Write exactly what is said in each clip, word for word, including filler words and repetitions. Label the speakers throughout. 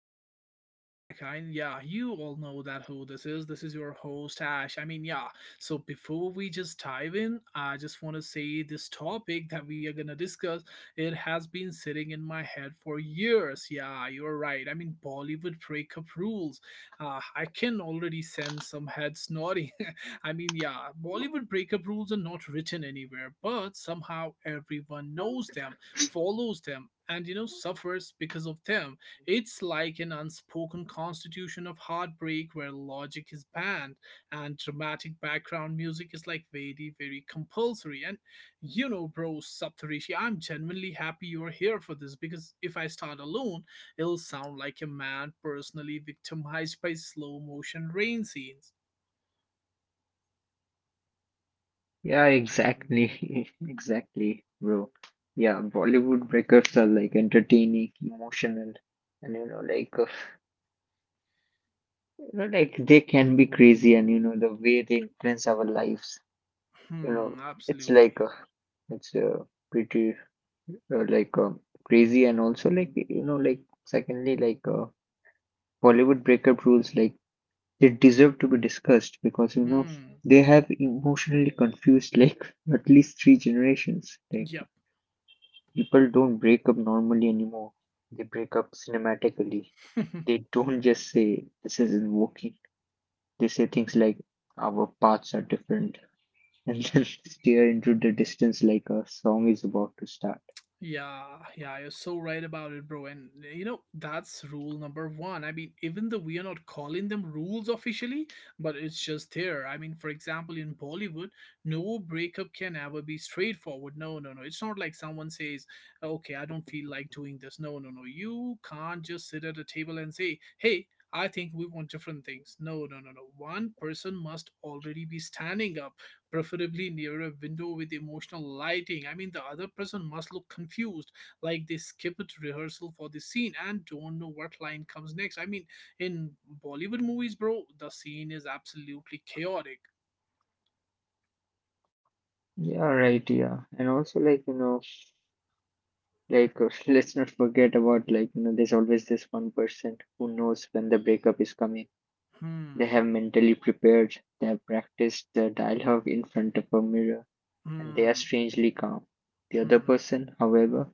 Speaker 1: welcome back. I yeah, you all know that who this is. This is your host Ash. I mean, yeah. So before we just dive in, I just want to say this topic that we are gonna discuss. It has been sitting in my head for years. Yeah, you're right. I mean, Bollywood breakup rules. Uh, I can already sense some heads nodding. I mean, yeah, Bollywood breakup rules are not written anywhere, but somehow everyone knows them, follows them, and you know suffers because of them. It's like an unspoken constitution of heartbreak where logic is banned, and dramatic background music is like very very compulsory. And you know bro, Saptarishi, I'm genuinely happy you're here for this, because if I start alone, it'll sound like a man personally victimized by slow motion rain scenes.
Speaker 2: Yeah, exactly. Exactly, bro. Yeah, Bollywood breakups are like entertaining, emotional, and you know, like, uh, you know, like they can be crazy, and you know, the way they influence our lives, you
Speaker 1: Hmm,
Speaker 2: know, it's
Speaker 1: absolutely.
Speaker 2: like, uh, it's uh, pretty, uh, like, uh, crazy, and also like, you know, like, secondly, like, uh, Bollywood breakup rules, like, they deserve to be discussed because you know
Speaker 1: Hmm.
Speaker 2: they have emotionally confused like at least three generations. Like.
Speaker 1: Yep.
Speaker 2: People don't break up normally anymore. They break up cinematically. They don't just say, this isn't working. They say things like, our paths are different, and then stare into the distance like a song is about to start.
Speaker 1: Yeah, yeah, you're so right about it, bro. And you know, that's rule number one. I mean, even though we are not calling them rules officially, but it's just there. I mean, for example, in Bollywood, no breakup can ever be straightforward. No, no, no. It's not like someone says, okay, I don't feel like doing this. No, no, no. You can't just sit at a table and say, hey, I think we want different things. No, no, no, no. One person must already be standing up, preferably near a window with emotional lighting. I mean, the other person must look confused, like they skipped rehearsal for the scene and don't know what line comes next. I mean, in Bollywood movies, bro, the scene is absolutely chaotic.
Speaker 2: Yeah, right. Yeah, and also like you know, like uh, let's not forget about like you know, there's always this one person who knows when the breakup is coming. They
Speaker 1: Hmm,
Speaker 2: have mentally prepared. They have practiced the dialogue in front of a mirror, and they are
Speaker 1: hmm,
Speaker 2: strangely calm. The other
Speaker 1: hmm,
Speaker 2: person, however,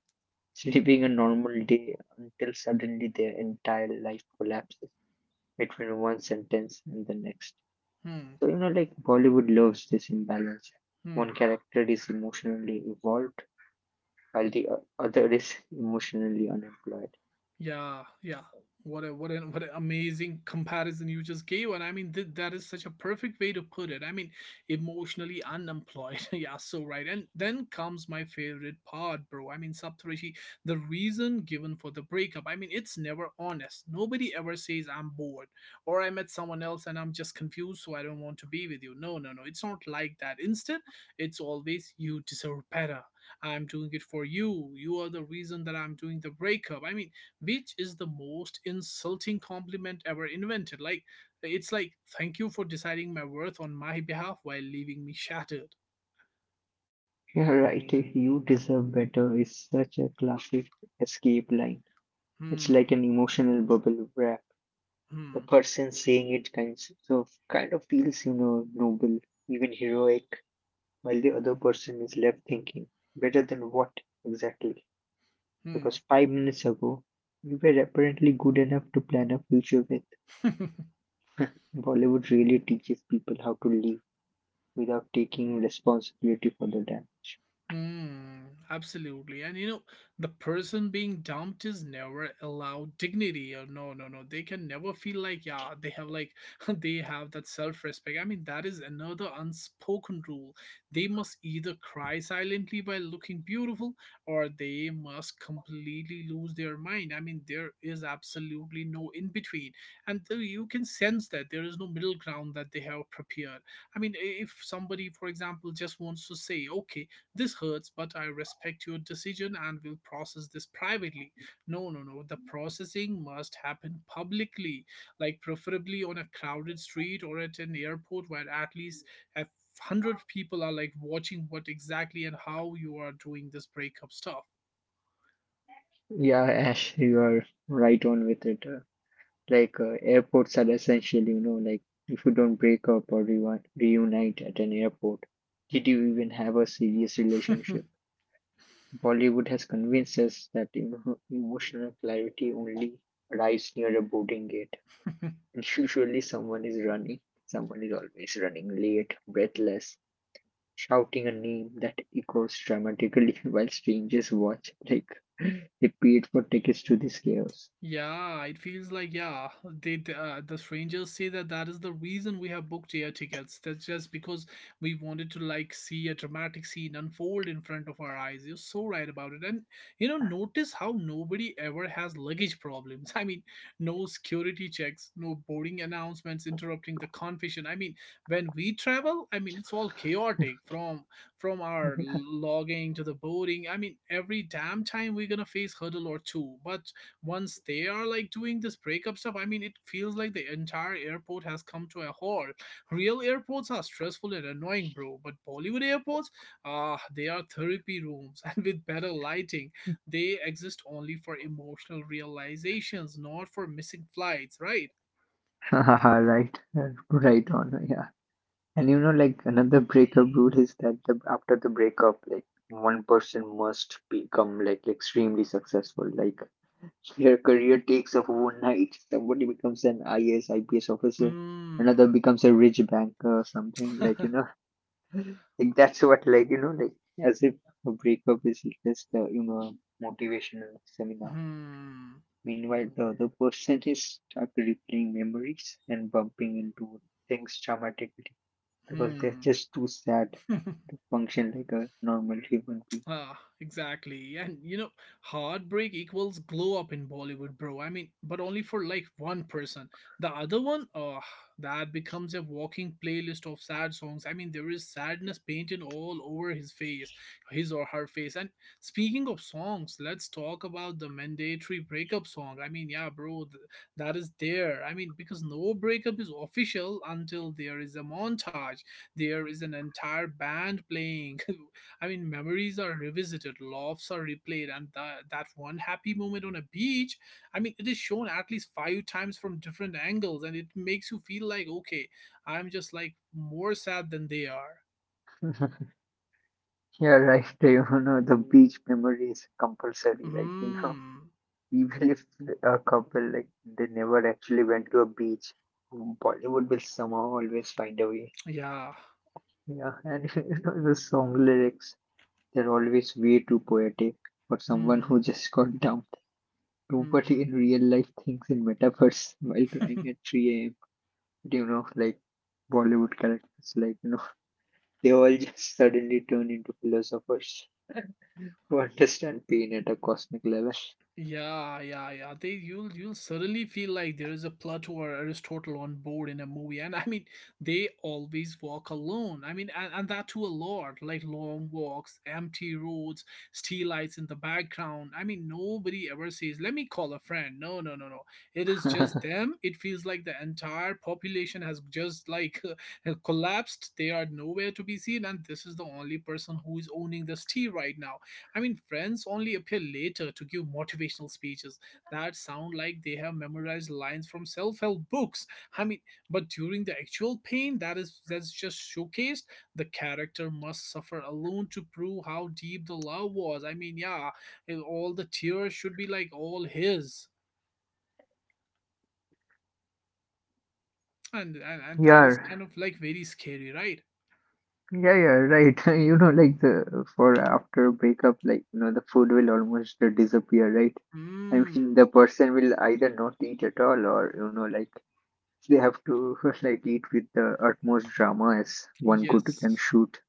Speaker 2: is living a normal day until suddenly their entire life collapses between one sentence and the next.
Speaker 1: hmm,
Speaker 2: So, you know, like Bollywood loves this imbalance. One
Speaker 1: hmm.
Speaker 2: character is emotionally evolved while the o- other is emotionally unemployed.
Speaker 1: Yeah, yeah. What a what an what an amazing comparison you just gave, and I mean th- that is such a perfect way to put it. I mean, emotionally unemployed. Yeah, so right. And then comes my favorite part, bro. I mean, Saptarishi, the reason given for the breakup. I mean, it's never honest. Nobody ever says I'm bored, or I met someone else and I'm just confused, so I don't want to be with you. No, no, no. It's not like that. Instead, it's always you deserve better. I'm doing it for you. You are the reason that I'm doing the breakup. I mean, which is the most insulting compliment ever invented. Like, it's like, thank you for deciding my worth on my behalf while leaving me shattered.
Speaker 2: Yeah, right. You deserve better is such a classic escape line. It's like
Speaker 1: Hmm,
Speaker 2: an emotional bubble wrap. The
Speaker 1: hmm,
Speaker 2: person saying it kind of kind of feels you know noble, even heroic, while the other person is left thinking, better than what exactly, because five minutes ago you were apparently good enough to plan a future with.
Speaker 1: hmm.
Speaker 2: Bollywood really teaches people how to live without taking responsibility for the damn.
Speaker 1: Hmm, absolutely. And you know, the person being dumped is never allowed dignity. Or no, no, no. They can never feel like, yeah, they have like they have that self-respect. I mean, that is another unspoken rule. They must either cry silently while looking beautiful, or they must completely lose their mind. I mean, there is absolutely no in between. And th- you can sense that there is no middle ground that they have prepared. I mean, i- if somebody, for example, just wants to say, okay, this hurts, but I respect your decision and will process this privately. No, no, no. The processing must happen publicly, like preferably on a crowded street or at an airport where at least a hundred people are like watching what exactly and how you are doing this breakup stuff.
Speaker 2: Yeah, Ash, you are right on with it. Like uh, airports are essential, you know, like if you don't break up or reu- reunite at an airport, did you even have a serious relationship? Bollywood has convinced us that emo- emotional clarity only arrives near a boarding gate. And usually someone is running, someone is always running late, breathless, shouting a name that echoes dramatically while strangers watch. Like they paid for tickets to this chaos.
Speaker 1: Yeah, it feels like yeah, they the, uh, the strangers say that that is the reason we have booked air tickets. That's just because we wanted to like see a dramatic scene unfold in front of our eyes. You're so right about it. And you know, notice how nobody ever has luggage problems. I mean, no security checks, no boarding announcements interrupting the confusion. I mean, when we travel, I mean, it's all chaotic from from our logging to the boarding. I mean, every damn time we're gonna face hurdle or two, but once they are like doing this breakup stuff, I mean, it feels like the entire airport has come to a halt. Real airports are stressful and annoying, bro, but Bollywood airports, ah, they are therapy rooms, and with better lighting, they exist only for emotional realizations, not for missing flights, right?
Speaker 2: Haha, right, right on. Yeah. And you know, like another breakup rule is that the, after the breakup, like one person must become like extremely successful. Like their career takes off overnight. Somebody becomes an I A S, I P S officer. Another
Speaker 1: Mm.
Speaker 2: becomes a rich banker or something. Like you know, like that's what like you know, like as if a breakup is just uh, you know a motivational seminar.
Speaker 1: Hmm.
Speaker 2: Meanwhile, the other person is stuck replaying memories and bumping into things traumatically because they're
Speaker 1: Hmm.
Speaker 2: just too sad to function like a normal human being.
Speaker 1: Ah, exactly. And you know, heartbreak equals glow up in Bollywood, bro. I mean, but only for like one person. The other one, oh, that becomes a walking playlist of sad songs. I mean, there is sadness painted all over his face, his or her face. And speaking of songs, let's talk about the mandatory breakup song. I mean, yeah, bro, th- that is there. I mean, because no breakup is official until there is a montage, there is an entire band playing. I mean, memories are revisited, laughs are replayed, and tha- that one happy moment on a beach, I mean, it is shown at least five times from different angles, and it makes you feel like, okay, I'm just like more sad than they are.
Speaker 2: Yeah, right. You know, the beach memory is compulsory. Like, you know,
Speaker 1: Hmm.
Speaker 2: even if a couple, like, they never actually went to a beach, Bollywood will somehow always find a way.
Speaker 1: Yeah.
Speaker 2: Yeah, and you know, the song lyrics, they're always way too poetic for someone who
Speaker 1: Hmm.
Speaker 2: just got dumped.
Speaker 1: Hmm.
Speaker 2: Nobody in real life thinks in metaphors while crying at three a m. You know, like Bollywood characters, like, you know. They all just suddenly turn into philosophers who understand pain at a cosmic level.
Speaker 1: Yeah, yeah, yeah. They you'll you'll suddenly feel like there is a Plato or Aristotle on board in a movie, and I mean they always walk alone. I mean, and, and that too a lot, like long walks, empty roads, steel lights in the background. I mean, nobody ever says, "Let me call a friend." No, no, no, no. It is just them. It feels like the entire population has just like collapsed. They are nowhere to be seen, and this is the only person who is owning this tea right now. I mean, friends only appear later to give motivational speeches that sound like they have memorized lines from self-help books. I mean, but during the actual pain that is that's just showcased, the character must suffer alone to prove how deep the love was. I mean, yeah, and all the tears should be like all his, and and, and that is
Speaker 2: Yeah,
Speaker 1: kind of like very scary, right?
Speaker 2: yeah, yeah, right. You know, like the for after breakup, like you know, the food will almost uh, disappear, right? I mean, the
Speaker 1: Mm.
Speaker 2: person will either not eat at all, or you know, like they have to like eat with the utmost drama as one could can
Speaker 1: Yes.
Speaker 2: shoot.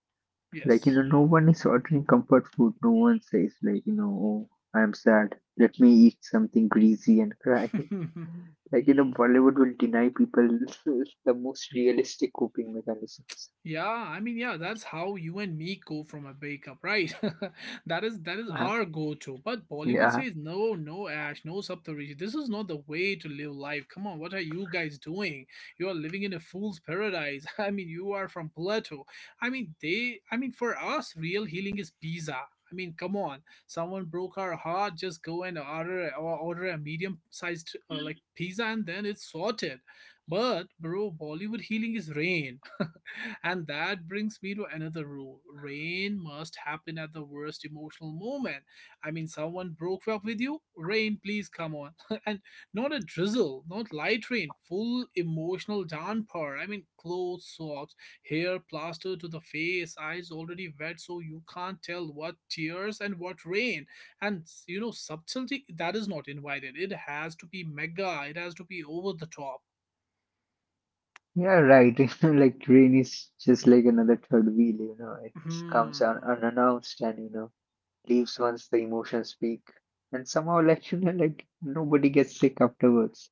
Speaker 2: Like you
Speaker 1: Yes.
Speaker 2: know, no one is ordering comfort food. No one says like you know, oh, I am sad. Let me eat something greasy and cry. Like, you know, Bollywood will deny people the most realistic coping mechanisms.
Speaker 1: Yeah, I mean, yeah, that's how you and me go from a breakup, right? that is that is
Speaker 2: Uh,
Speaker 1: our go-to. But Bollywood
Speaker 2: yeah,
Speaker 1: says no, no, Ash, no Saptarishi. This is not the way to live life. Come on, what are you guys doing? You are living in a fool's paradise. I mean, you are from Plato. I mean, they. I mean, for us, real healing is pizza. I mean, come on. Someone broke our heart. Just go and order or order a medium-sized uh, like pizza, and then it's sorted. But bro, Bollywood healing is rain. And that brings me to another rule, rain must happen at the worst emotional moment. I mean, someone broke up with you, rain, please come on. And not a drizzle, not light rain, full emotional downpour. I mean, clothes, socks, hair plastered to the face, eyes already wet, so you can't tell what tears and what rain. And you know, subtlety that is not invited, it has to be mega, it has to be over the top.
Speaker 2: yeah, right. You know, like train is just like another third wheel. You know, it comes un
Speaker 1: Hmm.
Speaker 2: unannounced and you know leaves once the emotions peak. And somehow, like you know, like nobody gets sick afterwards.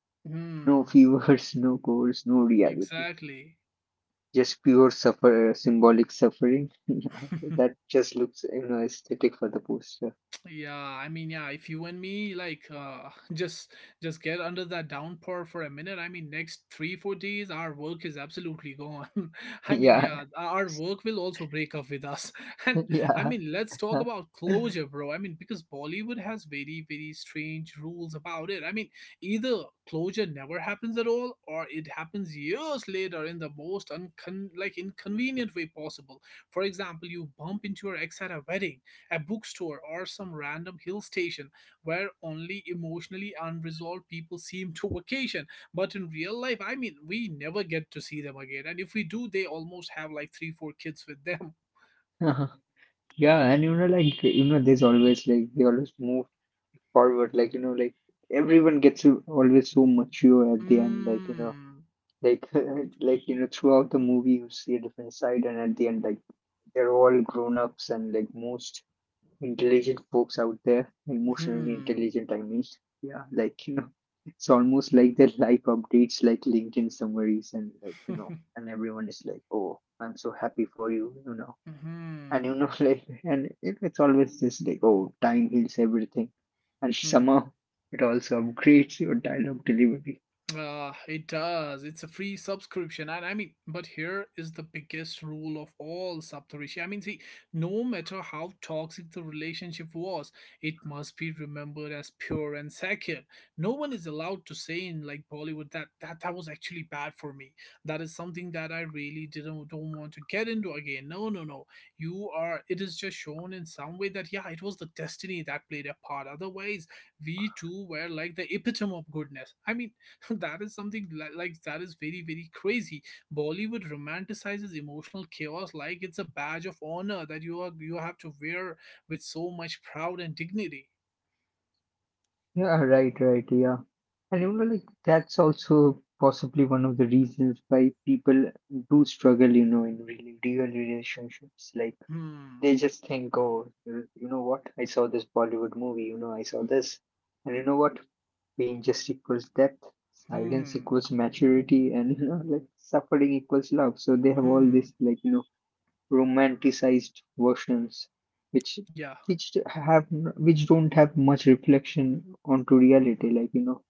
Speaker 2: No
Speaker 1: Hmm.
Speaker 2: fevers, no colds, no reality.
Speaker 1: Exactly.
Speaker 2: Just pure suffer, symbolic suffering. Yeah, that just looks, you know, aesthetic for the poster.
Speaker 1: Yeah, I mean, yeah, if you and me like uh just just get under that downpour for a minute, I mean next three, four days our work is absolutely gone. I mean,
Speaker 2: Yeah,
Speaker 1: yeah, our our work will also break up with us. And I mean, let's talk
Speaker 2: yeah.
Speaker 1: about closure, bro. I mean, because Bollywood has very, very strange rules about it. I mean, either closure never happens at all or it happens years later in the most uncon- like inconvenient way possible. For example, you bump into your ex at a wedding, a bookstore, or some random hill station where only emotionally unresolved people seem to vacation. But in real life, I mean, we never get to see them again. And if we do, they almost have like three, four kids with them.
Speaker 2: Yeah, and you know, like you know, there's always like they always move forward. Like you know, like everyone gets so- always so mature at the end. Like you know,
Speaker 1: Mm.
Speaker 2: like like you know, throughout the movie you see a different side, and at the end, like they're all grown ups and like most intelligent folks out there, emotionally
Speaker 1: Hmm.
Speaker 2: intelligent. I mean, yeah, like you know, it's almost like their life updates, like LinkedIn summaries, and like you know, and everyone is like, oh, I'm so happy for you. You know and you
Speaker 1: Hmm.
Speaker 2: know like and it, it's always this like, oh, time heals everything, and
Speaker 1: Hmm.
Speaker 2: somehow it also upgrades your dialogue delivery.
Speaker 1: Uh, it does. It's a free subscription. And I mean, but here is the biggest rule of all, Saptarishi. I mean, see, no matter how toxic the relationship was, it must be remembered as pure and sacred. No one is allowed to say in like Bollywood that that, that was actually bad for me. That is something that I really didn't don't want to get into again. No, no, no. You are It is just shown in some way that yeah, it was the destiny that played a part. Otherwise, we too were like the epitome of goodness. I mean that is something li- like that is very very crazy. Bollywood romanticizes emotional chaos like it's a badge of honor that you are you have to wear with so much pride and dignity.
Speaker 2: Yeah, right, right, yeah. And you know like that's also possibly one of the reasons why people do struggle you know in really real relationships. Like
Speaker 1: Hmm,
Speaker 2: they just think, oh, you you know what, I saw this Bollywood movie, you know I saw this, and you know what, pain just equals depth, silence
Speaker 1: hmm,
Speaker 2: equals maturity, and you know, like suffering equals love. So they have all these
Speaker 1: hmm,
Speaker 2: like you know romanticized versions, which
Speaker 1: yeah,
Speaker 2: which have which don't have much reflection onto reality. Like you know,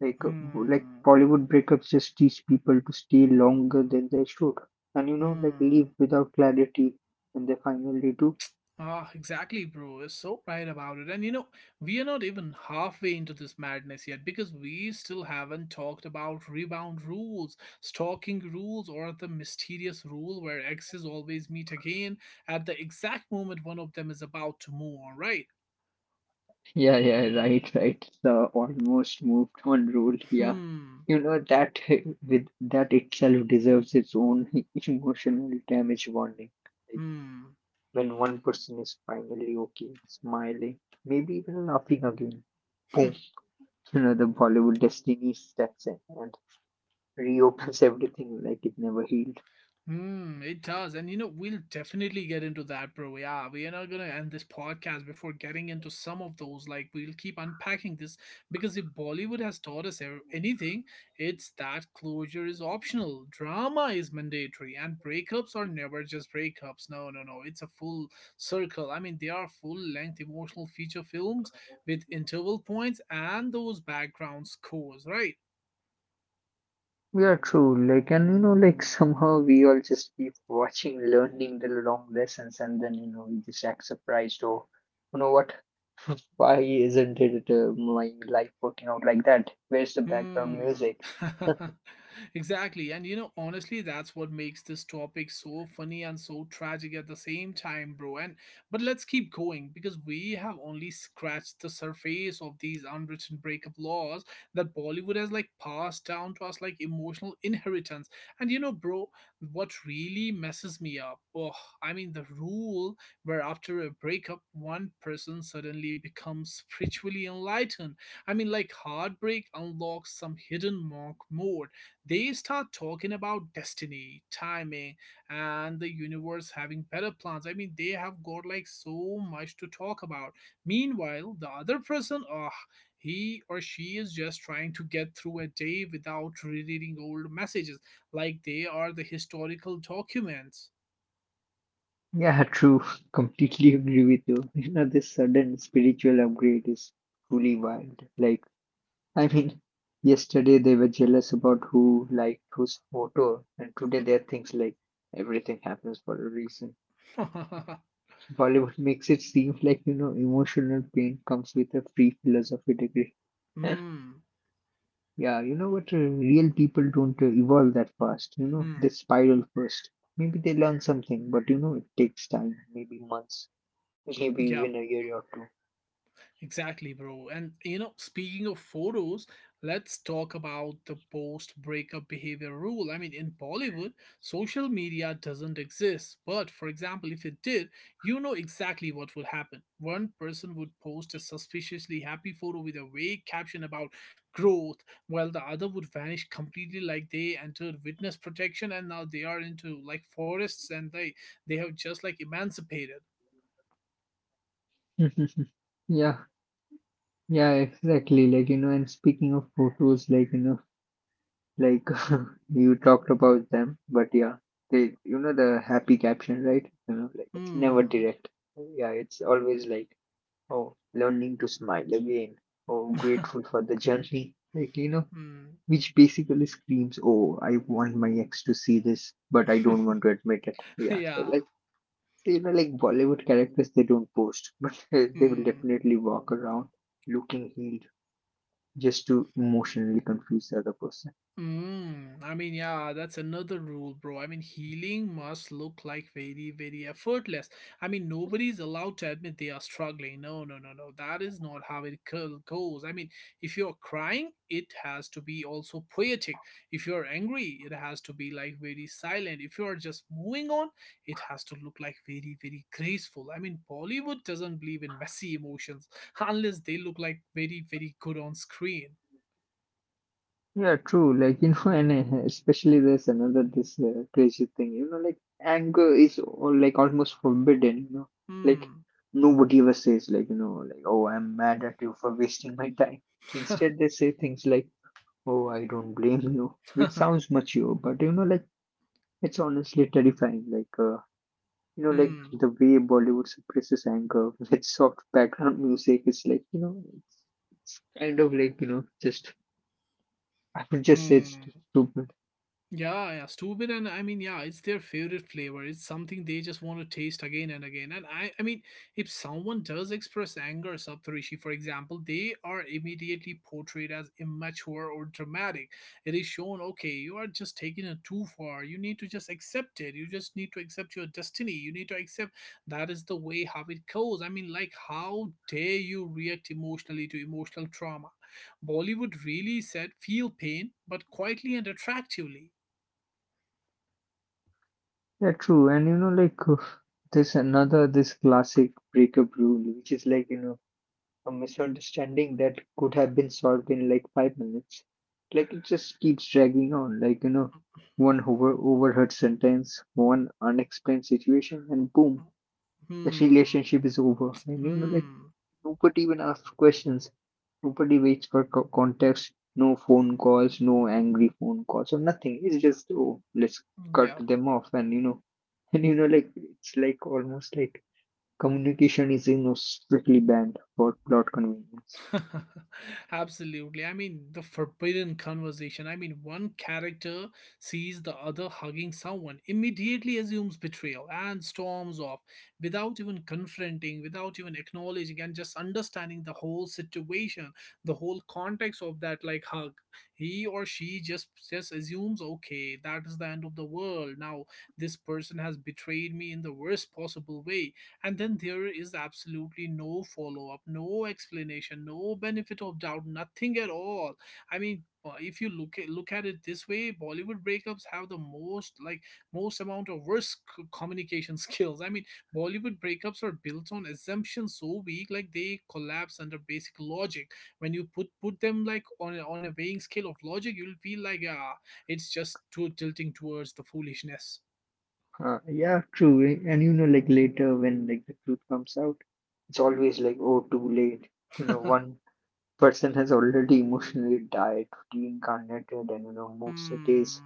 Speaker 2: like uh, like
Speaker 1: hmm,
Speaker 2: Bollywood breakups just teach people to stay longer than they should, and you know, like leave
Speaker 1: hmm.
Speaker 2: without clarity when they finally do.
Speaker 1: Ah, exactly, bro. You're so right about it. And you know, we are not even halfway into this madness yet because we still haven't talked about rebound rules, stalking rules, or the mysterious rule where exes always meet again at the exact moment one of them is about to move on, right?
Speaker 2: Yeah, yeah, right, right. The almost moved on rule. Yeah.
Speaker 1: Hmm.
Speaker 2: You know that with that itself deserves its own emotional damage warning. Like
Speaker 1: Hmm.
Speaker 2: when one person is finally okay, smiling, maybe even laughing again. Boom. You know, the Bollywood destiny steps in and reopens everything like it never healed.
Speaker 1: Hmm, it does. And you know, we'll definitely get into that, bro. Yeah, we are not gonna end this podcast before getting into some of those. Like, we'll keep unpacking this because if Bollywood has taught us ev- anything, it's that closure is optional, drama is mandatory, and breakups are never just breakups. No, no, no. It's a full circle. I mean, they are full length emotional feature films with interval points and those background scores, right?
Speaker 2: Yeah, true. Like, and you know, like somehow we all just keep watching, learning the long lessons, and then you know, we just act surprised. Or you know what why isn't it uh, my life working out like that? Where's the background
Speaker 1: Hmm.
Speaker 2: music?
Speaker 1: Exactly. And you know, honestly, that's what makes this topic so funny and so tragic at the same time, bro. And but let's keep going because we have only scratched the surface of these unwritten breakup laws that Bollywood has like passed down to us like emotional inheritance. And you know, bro, what really messes me up? Oh, I mean the rule where after a breakup one person suddenly becomes spiritually enlightened. I mean, like Heartbreak unlocks some hidden monk mode. They start talking about destiny, timing, and the universe having better plans. I mean, they have got like so much to talk about. Meanwhile, the other person, ah, he or she is just trying to get through a day without rereading old messages, like they are the historical documents.
Speaker 2: Yeah, true. Completely agree with you. You know, this sudden spiritual upgrade is truly wild. Like, I mean, yesterday they were jealous about who liked whose photo, and today they're things like, everything happens for a reason. Bollywood makes it seem like, you know, emotional pain comes with a free philosophy degree.
Speaker 1: Hmm.
Speaker 2: Yeah, you know what? uh, Real people don't uh, evolve that fast. You know, they
Speaker 1: Hmm.
Speaker 2: spiral first. Maybe they learn something, but you know, it takes time, maybe months, maybe
Speaker 1: Yeah.
Speaker 2: even a year or
Speaker 1: Exactly, bro. And you know, speaking of photos, let's talk about the post breakup behavior rule. I mean, in Bollywood, social media doesn't exist. But for example, if it did, you know exactly what would happen. One person would post a suspiciously happy photo with a vague caption about growth, while the other would vanish completely like they entered witness protection and now they are into like forests and they they have just like emancipated.
Speaker 2: two. Yeah, yeah, exactly. Like, you know, and speaking of photos, like, you know, like you talked about them, but yeah, they, you know, the happy caption, right? You know, like it's never
Speaker 1: Hmm.
Speaker 2: direct. Yeah, it's always like, oh, learning to smile again. Oh, grateful for the journey. Like, you know,
Speaker 1: Hmm.
Speaker 2: Which basically screams, "Oh, I want my ex to see this, but I don't want to admit it." Yeah, so
Speaker 1: Yeah.
Speaker 2: like so, you know, like Bollywood characters, they don't post, but they will
Speaker 1: Hmm.
Speaker 2: definitely walk around looking healed just to emotionally confuse the other person.
Speaker 1: Mm. I mean, yeah, that's another rule, bro. I mean, healing must look like very, very effortless. I mean, nobody's allowed to admit they are struggling. No, no, no, no. That is not how it go- goes. I mean, if you're crying, it has to be also poetic. If you're angry, it has to be like very silent. If you're just moving on, it has to look like very, very graceful. I mean, Bollywood doesn't believe in messy emotions unless they look like very, very good on screen.
Speaker 2: Yeah, true. Like you know, and uh, especially there's another this uh, crazy thing. You know, like anger is all, like almost forbidden. You know, like
Speaker 1: 嗯
Speaker 2: nobody ever says like you know like, oh, I'm mad at you for wasting my time. Instead, they say things like, oh, I don't blame you, which sounds mature, but you know, like it's honestly terrifying. Like, uh, you know, like
Speaker 1: 嗯，
Speaker 2: the way Bollywood suppresses anger with soft background music is like, you know, it's, it's kind of like, you know, just I would just say it's
Speaker 1: 嗯。
Speaker 2: too stupid.
Speaker 1: Yeah, yeah, stupid, and I mean, yeah, it's their favorite flavor. It's something they just want to taste again and again. And I, I mean, if someone does express anger, Saptarishi, for example, they are immediately portrayed as immature or dramatic. It is shown, okay, you are just taking it too far. You need to just accept it. You just need to accept your destiny. You need to accept that is the way how it goes. I mean, like, how dare you react emotionally to emotional trauma? Bollywood really said feel pain, but quietly and attractively.
Speaker 2: Yeah, true. And you know, like uh, there's another this classic breakup rule, which is like, you know, a misunderstanding that could have been solved in like five minutes. Like it just keeps dragging on. Like you know, one over overheard sentence, one unexplained situation, and boom, the
Speaker 1: Hmm.
Speaker 2: relationship is over. And you know, like
Speaker 1: Hmm.
Speaker 2: nobody even asks questions. Nobody waits for co- context. No phone calls. No angry phone calls or nothing. It's just, oh, let's cut
Speaker 1: Yeah.
Speaker 2: them off. And you know, and you know, like it's like almost like communication is you know strictly banned for plot convenience.
Speaker 1: Absolutely. I mean, the forbidden conversation. I mean, one character sees the other hugging someone, immediately assumes betrayal, and storms off without even confronting, without even acknowledging, and just understanding the whole situation, the whole context of that like hug. He or she just just assumes, okay, that is the end of the world. Now this person has betrayed me in the worst possible way. And then there is absolutely no follow up, no explanation, no benefit of doubt, nothing at all. I mean, uh, if you look at, look at it this way, Bollywood breakups have the most like most amount of worst c- communication skills. I mean, Bollywood breakups are built on assumptions so weak, like they collapse under basic logic. When you put put them like on a, on a weighing scale of logic, you'll feel like ah, it's just too tilting towards the foolishness.
Speaker 2: Uh, yeah, true. Eh, And you know, like later when like the truth comes out, it's always like, oh, too late. You know, one person has already emotionally died, reincarnated, and you know, moved cities.
Speaker 1: Hmm.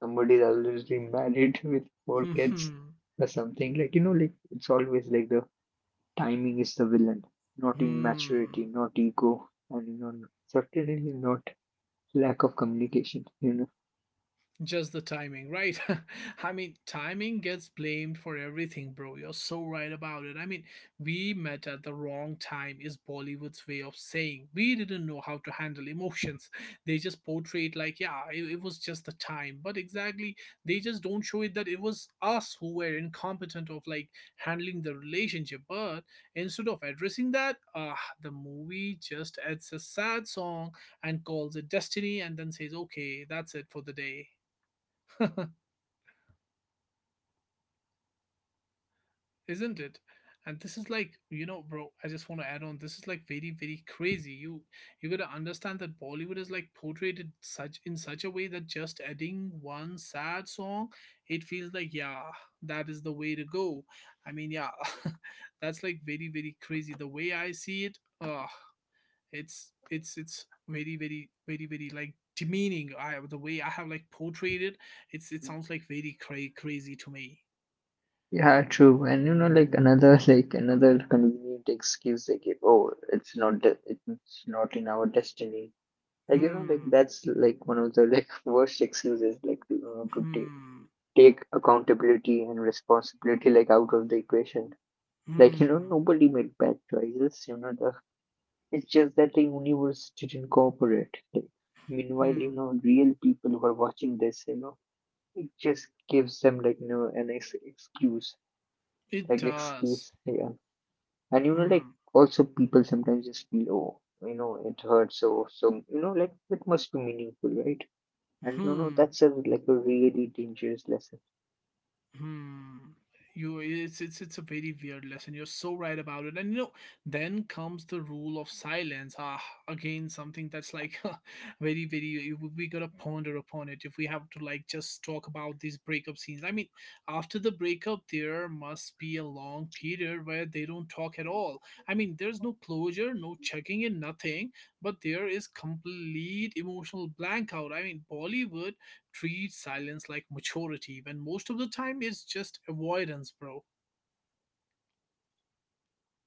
Speaker 2: Somebody's already married with four kids or something. Like, you know, like it's always like the timing is the villain, not immaturity,
Speaker 1: Hmm.
Speaker 2: not ego, and you know, certainly not lack of communication. You know.
Speaker 1: Just the timing, right? I mean, timing gets blamed for everything, bro. You're so right about it. I mean, we met at the wrong time, is Bollywood's way of saying. We didn't know how to handle emotions. They just portrayed, like, yeah, it, it was just the time. But exactly, they just don't show it that it was us who were incompetent of, like, handling the relationship. But instead of addressing that, uh, the movie just adds a sad song and calls it destiny and then says, okay, that's it for the day. Isn't it? And this is like you know bro I just want to add on, this is like very, very crazy. you you gotta understand that Bollywood is like portrayed in such in such a way that just adding one sad song, it feels like yeah, that is the way to go. I mean, yeah. That's like very, very crazy the way I see it. uh it's it's it's very, very, very, very like demeaning. I the way I have like portrayed it, it's it sounds like very cra- crazy to me.
Speaker 2: Yeah, true. And you know, like another like another convenient excuse they give, oh, it's not de it's not in our destiny. Like you know, like
Speaker 1: Hmm.
Speaker 2: that's like one of the like worst excuses, like you know, to take
Speaker 1: Hmm.
Speaker 2: take accountability and responsibility like out of the equation. Like you know,
Speaker 1: Hmm.
Speaker 2: nobody made bad choices. You know, the it's just that the universe didn't cooperate. Like, meanwhile, you
Speaker 1: Hmm.
Speaker 2: know, real people who are watching this, you know, it just gives them like you know an ex excuse,
Speaker 1: It
Speaker 2: like
Speaker 1: does.
Speaker 2: excuse. Yeah. And you know, like
Speaker 1: Hmm.
Speaker 2: also people sometimes just feel, oh, you know, it hurts. So, so you know, like it must be meaningful, right? And you know,
Speaker 1: Hmm.
Speaker 2: that's a like a really dangerous lesson.
Speaker 1: Hmm. You, it's it's it's a very weird lesson. You're so right about it, and you know, then comes the rule of silence. Ah, again, something that's like very, very. We we gotta ponder upon it if we have to like just talk about these breakup scenes. I mean, after the breakup, there must be a long period where they don't talk at all. I mean, there's no closure, no checking in, nothing. But there is complete emotional blank out. I mean, Bollywood treat silence like maturity when most of the time it's just avoidance, bro.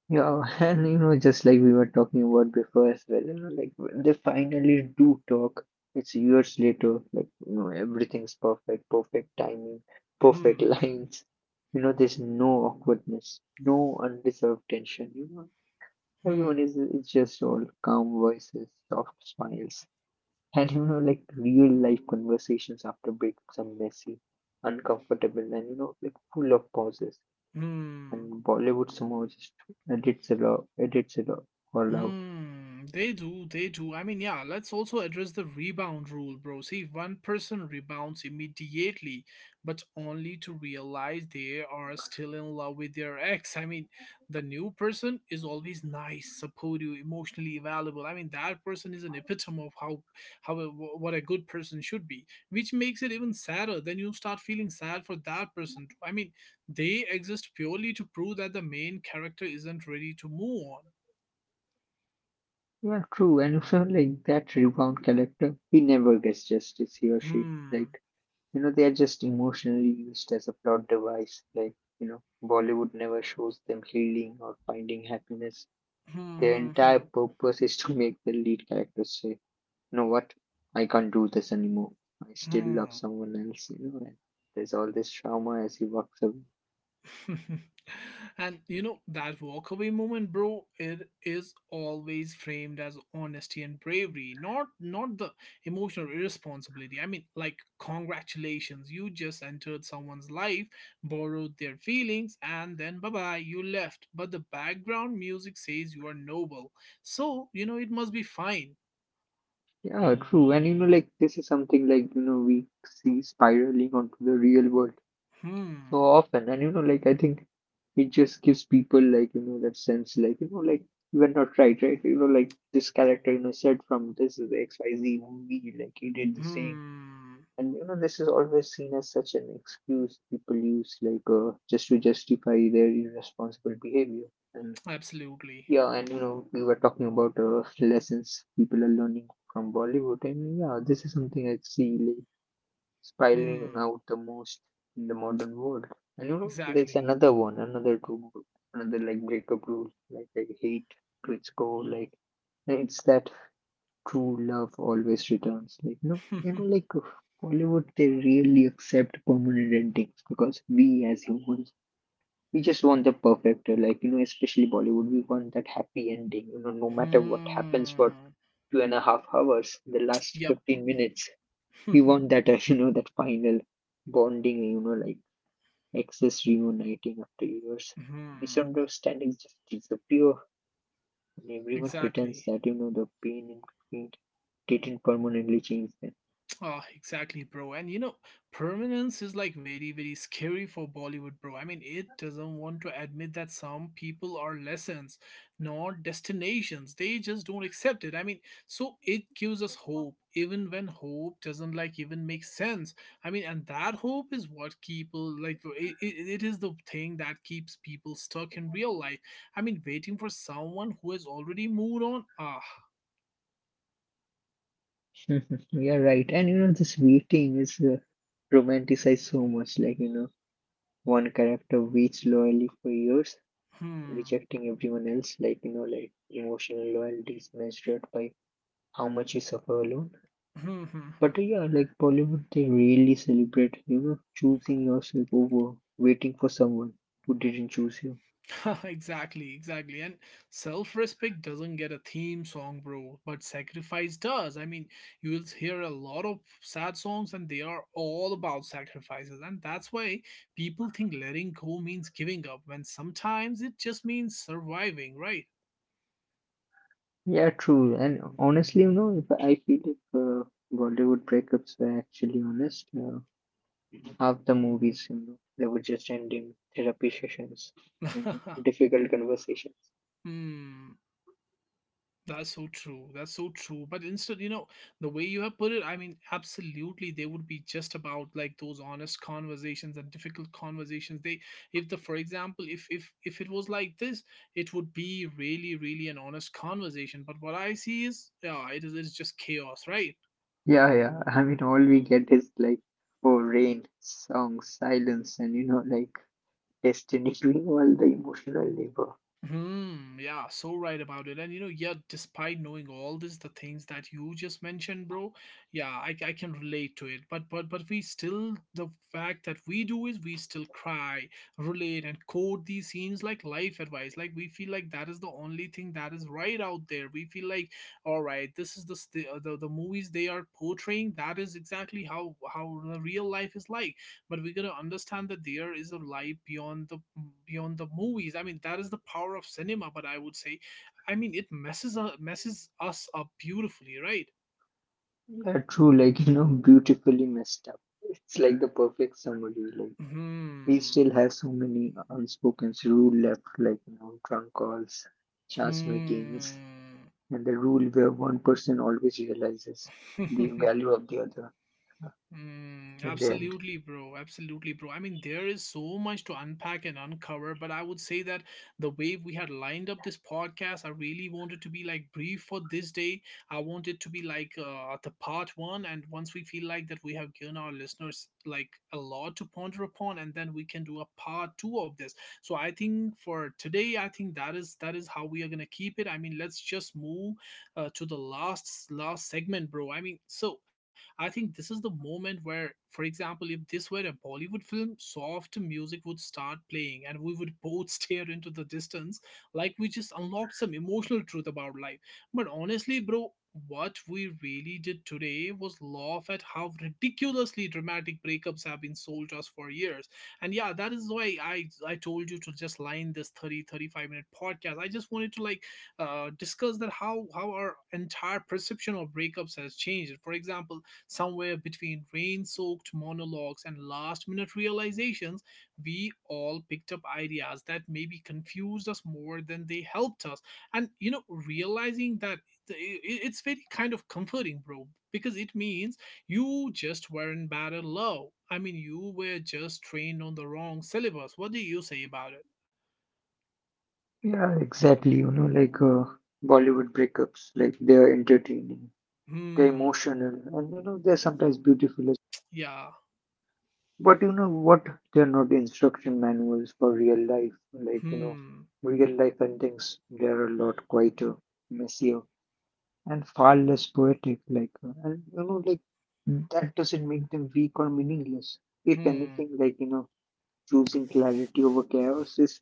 Speaker 2: Yeah, and you know, just like we were talking about before as well, you know, like when they finally do talk, it's years later. Like you know, everything's perfect, perfect timing, perfect
Speaker 1: Hmm,
Speaker 2: lines. You know, there's no awkwardness, no undeserved tension. You know, everyone
Speaker 1: hmm,
Speaker 2: is is just all calm voices, soft smiles. And you know, like real life conversations after breakups are messy, uncomfortable, and you know, like full of pauses.
Speaker 1: hmm.
Speaker 2: And Bollywood somehow just edits it all, edits it all all out.
Speaker 1: Hmm, they do, they do. I mean, yeah, let's also address the rebound rule, bro. See, one person rebounds immediately, but only to realize they are still in love with their ex. I mean, the new person is always nice, supportive, emotionally available. I mean, that person is an epitome of how, how a, wh- what a good person should be, which makes it even sadder. Then you start feeling sad for that person. Too. I mean, they exist purely to prove that the main character isn't ready to move on.
Speaker 2: Yeah, true. And also, like that rebound character, he never gets justice, he or she.
Speaker 1: Hmm.
Speaker 2: Like, you know, they are just emotionally used as a plot device. Like, you know, Bollywood never shows them healing or finding happiness.
Speaker 1: Hmm.
Speaker 2: Their
Speaker 1: Hmm.
Speaker 2: entire
Speaker 1: Hmm.
Speaker 2: purpose is to make the lead character say. Know what? I can't do this anymore. I still love
Speaker 1: Hmm.
Speaker 2: someone else, you know, and there's all this trauma as he walks away.
Speaker 1: And you know that walkaway moment, bro. It is always framed as honesty and bravery, not not the emotional irresponsibility. I mean, like congratulations, you just entered someone's life, borrowed their feelings, and then bye bye, you left. But the background music says you are noble, so you know it must be fine.
Speaker 2: Yeah, true. And you know, like this is something like, you know, we see spiraling onto the real world so
Speaker 1: Hmm.
Speaker 2: often. And you know, like I think it just gives people like, you know, that sense like, you know, like you were not right, right? You know, like this character, you know, said from this is X Y Z movie, like he did the same.
Speaker 1: Hmm.
Speaker 2: And you know, this is always seen as such an excuse people use, like uh, just to justify their irresponsible behavior. And
Speaker 1: Absolutely.
Speaker 2: yeah, and you know, we were talking about uh, lessons people are learning from Bollywood, and yeah, this is something I see like spiraling
Speaker 1: Hmm.
Speaker 2: out the most in the modern world. And you know, there's
Speaker 1: Exactly.
Speaker 2: another one, another rule, another like breakup rule, like I hate to its core, like and it's that true love always returns. Like no, you know, like Hollywood, they really accept permanent endings because we as humans, we just want the perfect. uh, Like you know, especially Bollywood, we want that happy ending. You know, no matter what happens for
Speaker 1: Hmm.
Speaker 2: two and a half hours, the last
Speaker 1: Yep.
Speaker 2: fifteen minutes, we want that. Uh, you know, that final bonding. You know, like exes reuniting after years.
Speaker 1: Hmm.
Speaker 2: Misunderstandings just disappear, and everyone pretends
Speaker 1: Exactly.
Speaker 2: that you know the pain in between didn't permanently change them.
Speaker 1: Ah, exactly, bro. And you know, permanence is like very, very scary for Bollywood, bro. I mean, it doesn't want to admit that some people are lessons, not destinations. They just don't accept it. I mean, so it gives us hope, even when hope doesn't like even make sense. I mean, and that hope is what people like. It, it, it is the thing that keeps people stuck in real life. I mean, waiting for someone who has already moved on. Ah,
Speaker 2: You're right. And you know, this waiting is uh, romanticized so much. Like, you know, one character waits loyally for years, rejecting everyone else. Like, you know, like emotional loyalty is measured by how much you suffer alone.
Speaker 1: hmm.
Speaker 2: But uh, yeah, like Bollywood, they really celebrate, you know, choosing yourself over waiting for someone who didn't choose you.
Speaker 1: Exactly, exactly. And self respect doesn't get a theme song, bro, but sacrifice does. I mean, you will hear a lot of sad songs, and they are all about sacrifices. And that's why people think letting go means giving up, when sometimes it just means surviving, right?
Speaker 2: Yeah, true. And honestly, you know, if I feel if uh, Bollywood breakups were actually honest, uh, half the movies, you know, they would just end in therapy sessions and difficult conversations.
Speaker 1: Hmm. That's so true. That's so true. But instead, you know, the way you have put it, I mean, absolutely, they would be just about like those honest conversations and difficult conversations. They, if the, for example, if if if it was like this, it would be really, really an honest conversation. But what I see is, yeah, it is it's just chaos, right?
Speaker 2: Yeah, yeah. I mean, all we get is like, oh, rain, song, silence, and you know, like destiny doing all the emotional labor.
Speaker 1: Hmm, yeah, so right about it. And you know, yeah, despite knowing all this, the things that you just mentioned, bro, yeah, I, I can relate to it. But but but we still the fact that we do is we still cry, relate, and quote these scenes like life advice. Like we feel like that is the only thing that is right out there. We feel like, all right, this is the st- uh, the, the movies they are portraying. That is exactly how how the real life is like, but we gotta understand that there is a life beyond the beyond the movies. I mean that is the power of cinema, but I would say, I mean it messes up messes us up beautifully, right?
Speaker 2: They true, like, you know, beautifully messed up. It's like the perfect summary. Like, we
Speaker 1: Hmm.
Speaker 2: still have so many unspoken rule left, like, you know, drunk calls, chance meetings,
Speaker 1: Hmm.
Speaker 2: and the rule where one person always realizes the value of the other.
Speaker 1: Mm,
Speaker 2: In the end.
Speaker 1: absolutely, bro. Absolutely, bro. I mean, there is so much to unpack and uncover, but I would say that the way we had lined up this podcast, I really wanted to be like brief for this day. I want it to be like uh, the part one, and once we feel like that we have given our listeners like a lot to ponder upon, and then we can do a part two of this. So I think for today, I think that is that is how we are gonna keep it. I mean, let's just move uh, to the last last segment, bro. I mean, so I think this is the moment where, for example, if this were a Bollywood film, soft music would start playing and we would both stare into the distance like we just unlocked some emotional truth about life. But honestly, bro, what we really did today was laugh at how ridiculously dramatic breakups have been sold to us for years. And yeah, that is why I, I told you to just line this thirty thirty-five minute podcast. I just wanted to like uh, discuss that how how our entire perception of breakups has changed. For example, somewhere between rain soaked monologues and last minute realizations, we all picked up ideas that maybe confused us more than they helped us. And, you know, realizing that it- it- it's very kind of comforting, bro, because it means you just weren't bad at love. I mean, you were just trained on the wrong syllabus. What do you say about it?
Speaker 2: Yeah, exactly. You know, like uh, Bollywood breakups, like they are entertaining, they're
Speaker 1: Hmm,
Speaker 2: emotional, and you know, they're sometimes beautiful. as-
Speaker 1: yeah.
Speaker 2: But you know what? They're not instruction manuals for real life. Like, you know,
Speaker 1: Hmm,
Speaker 2: real life endings, they're a lot quieter, messier, and far less poetic. Like, uh, and you know, like that doesn't make them weak or meaningless. If
Speaker 1: hmm,
Speaker 2: anything, like, you know, choosing clarity over chaos is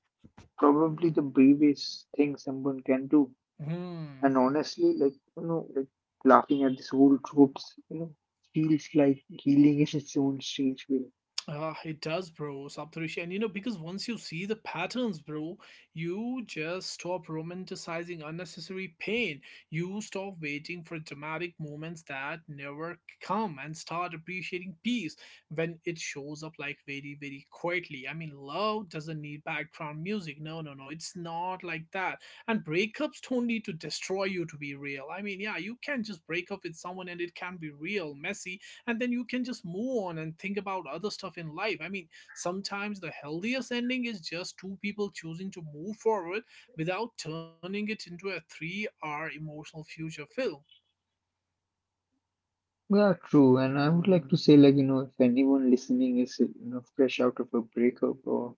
Speaker 2: probably the bravest thing someone can do. And
Speaker 1: hmm.
Speaker 2: honestly, like, you know, like laughing at these old tropes, you know, feels like healing in its own strange way.
Speaker 1: Uh, it does, bro, Saptarishi. And you know, because once you see the patterns, bro, you just stop romanticizing unnecessary pain. You stop waiting for dramatic moments that never come and start appreciating peace when it shows up like very, very quietly. I mean, love doesn't need background music. No, no, no. It's not like that. And breakups don't need to destroy you to be real. I mean, yeah, you can just break up with someone and it can be real, messy, and then you can just move on and think about other stuff in life. I mean, sometimes the healthiest ending is just two people choosing to move forward without turning it into a 3 hour emotional future film.
Speaker 2: Yeah, true. And I would like to say, like, you know, if anyone listening is, you know, fresh out of a breakup or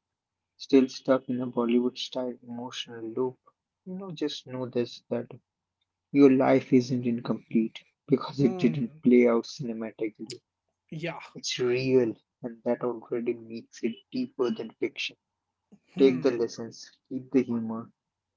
Speaker 2: still stuck in a Bollywood style emotional loop, you know, just know this that your life isn't incomplete because it didn't
Speaker 1: Hmm.
Speaker 2: play out cinematically.
Speaker 1: Yeah.
Speaker 2: It's real, and that already makes it deeper than fiction. Take the
Speaker 1: Hmm.
Speaker 2: lessons, keep the humor,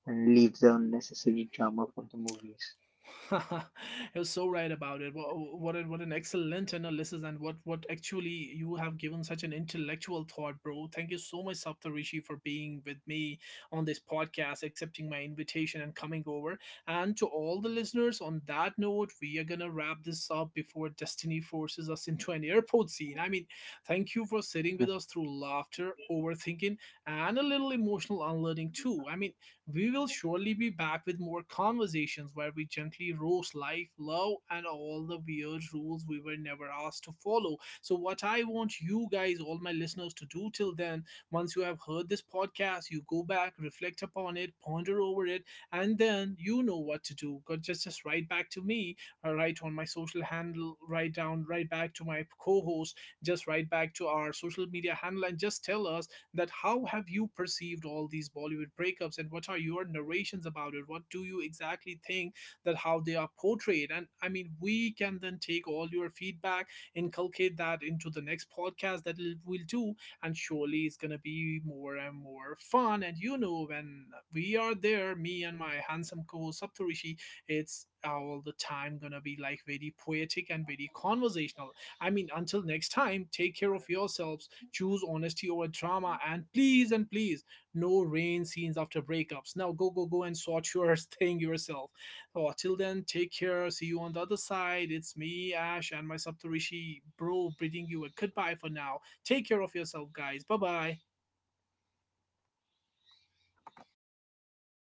Speaker 2: and leaves the unnecessary drama for the movies.
Speaker 1: You're so right about it. Wha- What an- what an excellent analysis, and what what actually you have given such an intellectual thought, bro. Thank you so much, Saptarishi, for being with me on this podcast, accepting my invitation and coming over. And to all the listeners, on that note, we are gonna wrap this up before destiny forces us into an airport scene. I mean, thank you for sitting with us through laughter, overthinking, and a little emotional unlearning too. I mean, we will surely be back with more conversations where we gently roast life, love, and all the weird rules we were never asked to follow. So, what I want you guys, all my listeners, to do till then, once you have heard this podcast, you go back, reflect upon it, ponder over it, and then you know what to do. Go- Just, just write back to me, uh, write on my social handle, write down, write back to my co host, just write back to our social media handle, and just tell us that how have you perceived all these Bollywood breakups and what are your narrations about it? What do you exactly think that how they are portrayed? And I mean, we can then take all your feedback, inculcate that into the next podcast that l- we'll do, and surely it's gonna be more and more fun. And you know, when we are there, me and my handsome co-host Saptarishi, it's uh, all the time gonna be like very poetic and very conversational. I mean, until next time, take care of yourselves. Choose honesty over drama, and please and please, no rain scenes after breakups. Now go, go, go and sort your thing yourself. Oh, till then, take care. See you on the other side. It's me, Ash, and my Saptarishi bro, bidding you a goodbye for now. Take care of yourself, guys. Bye bye.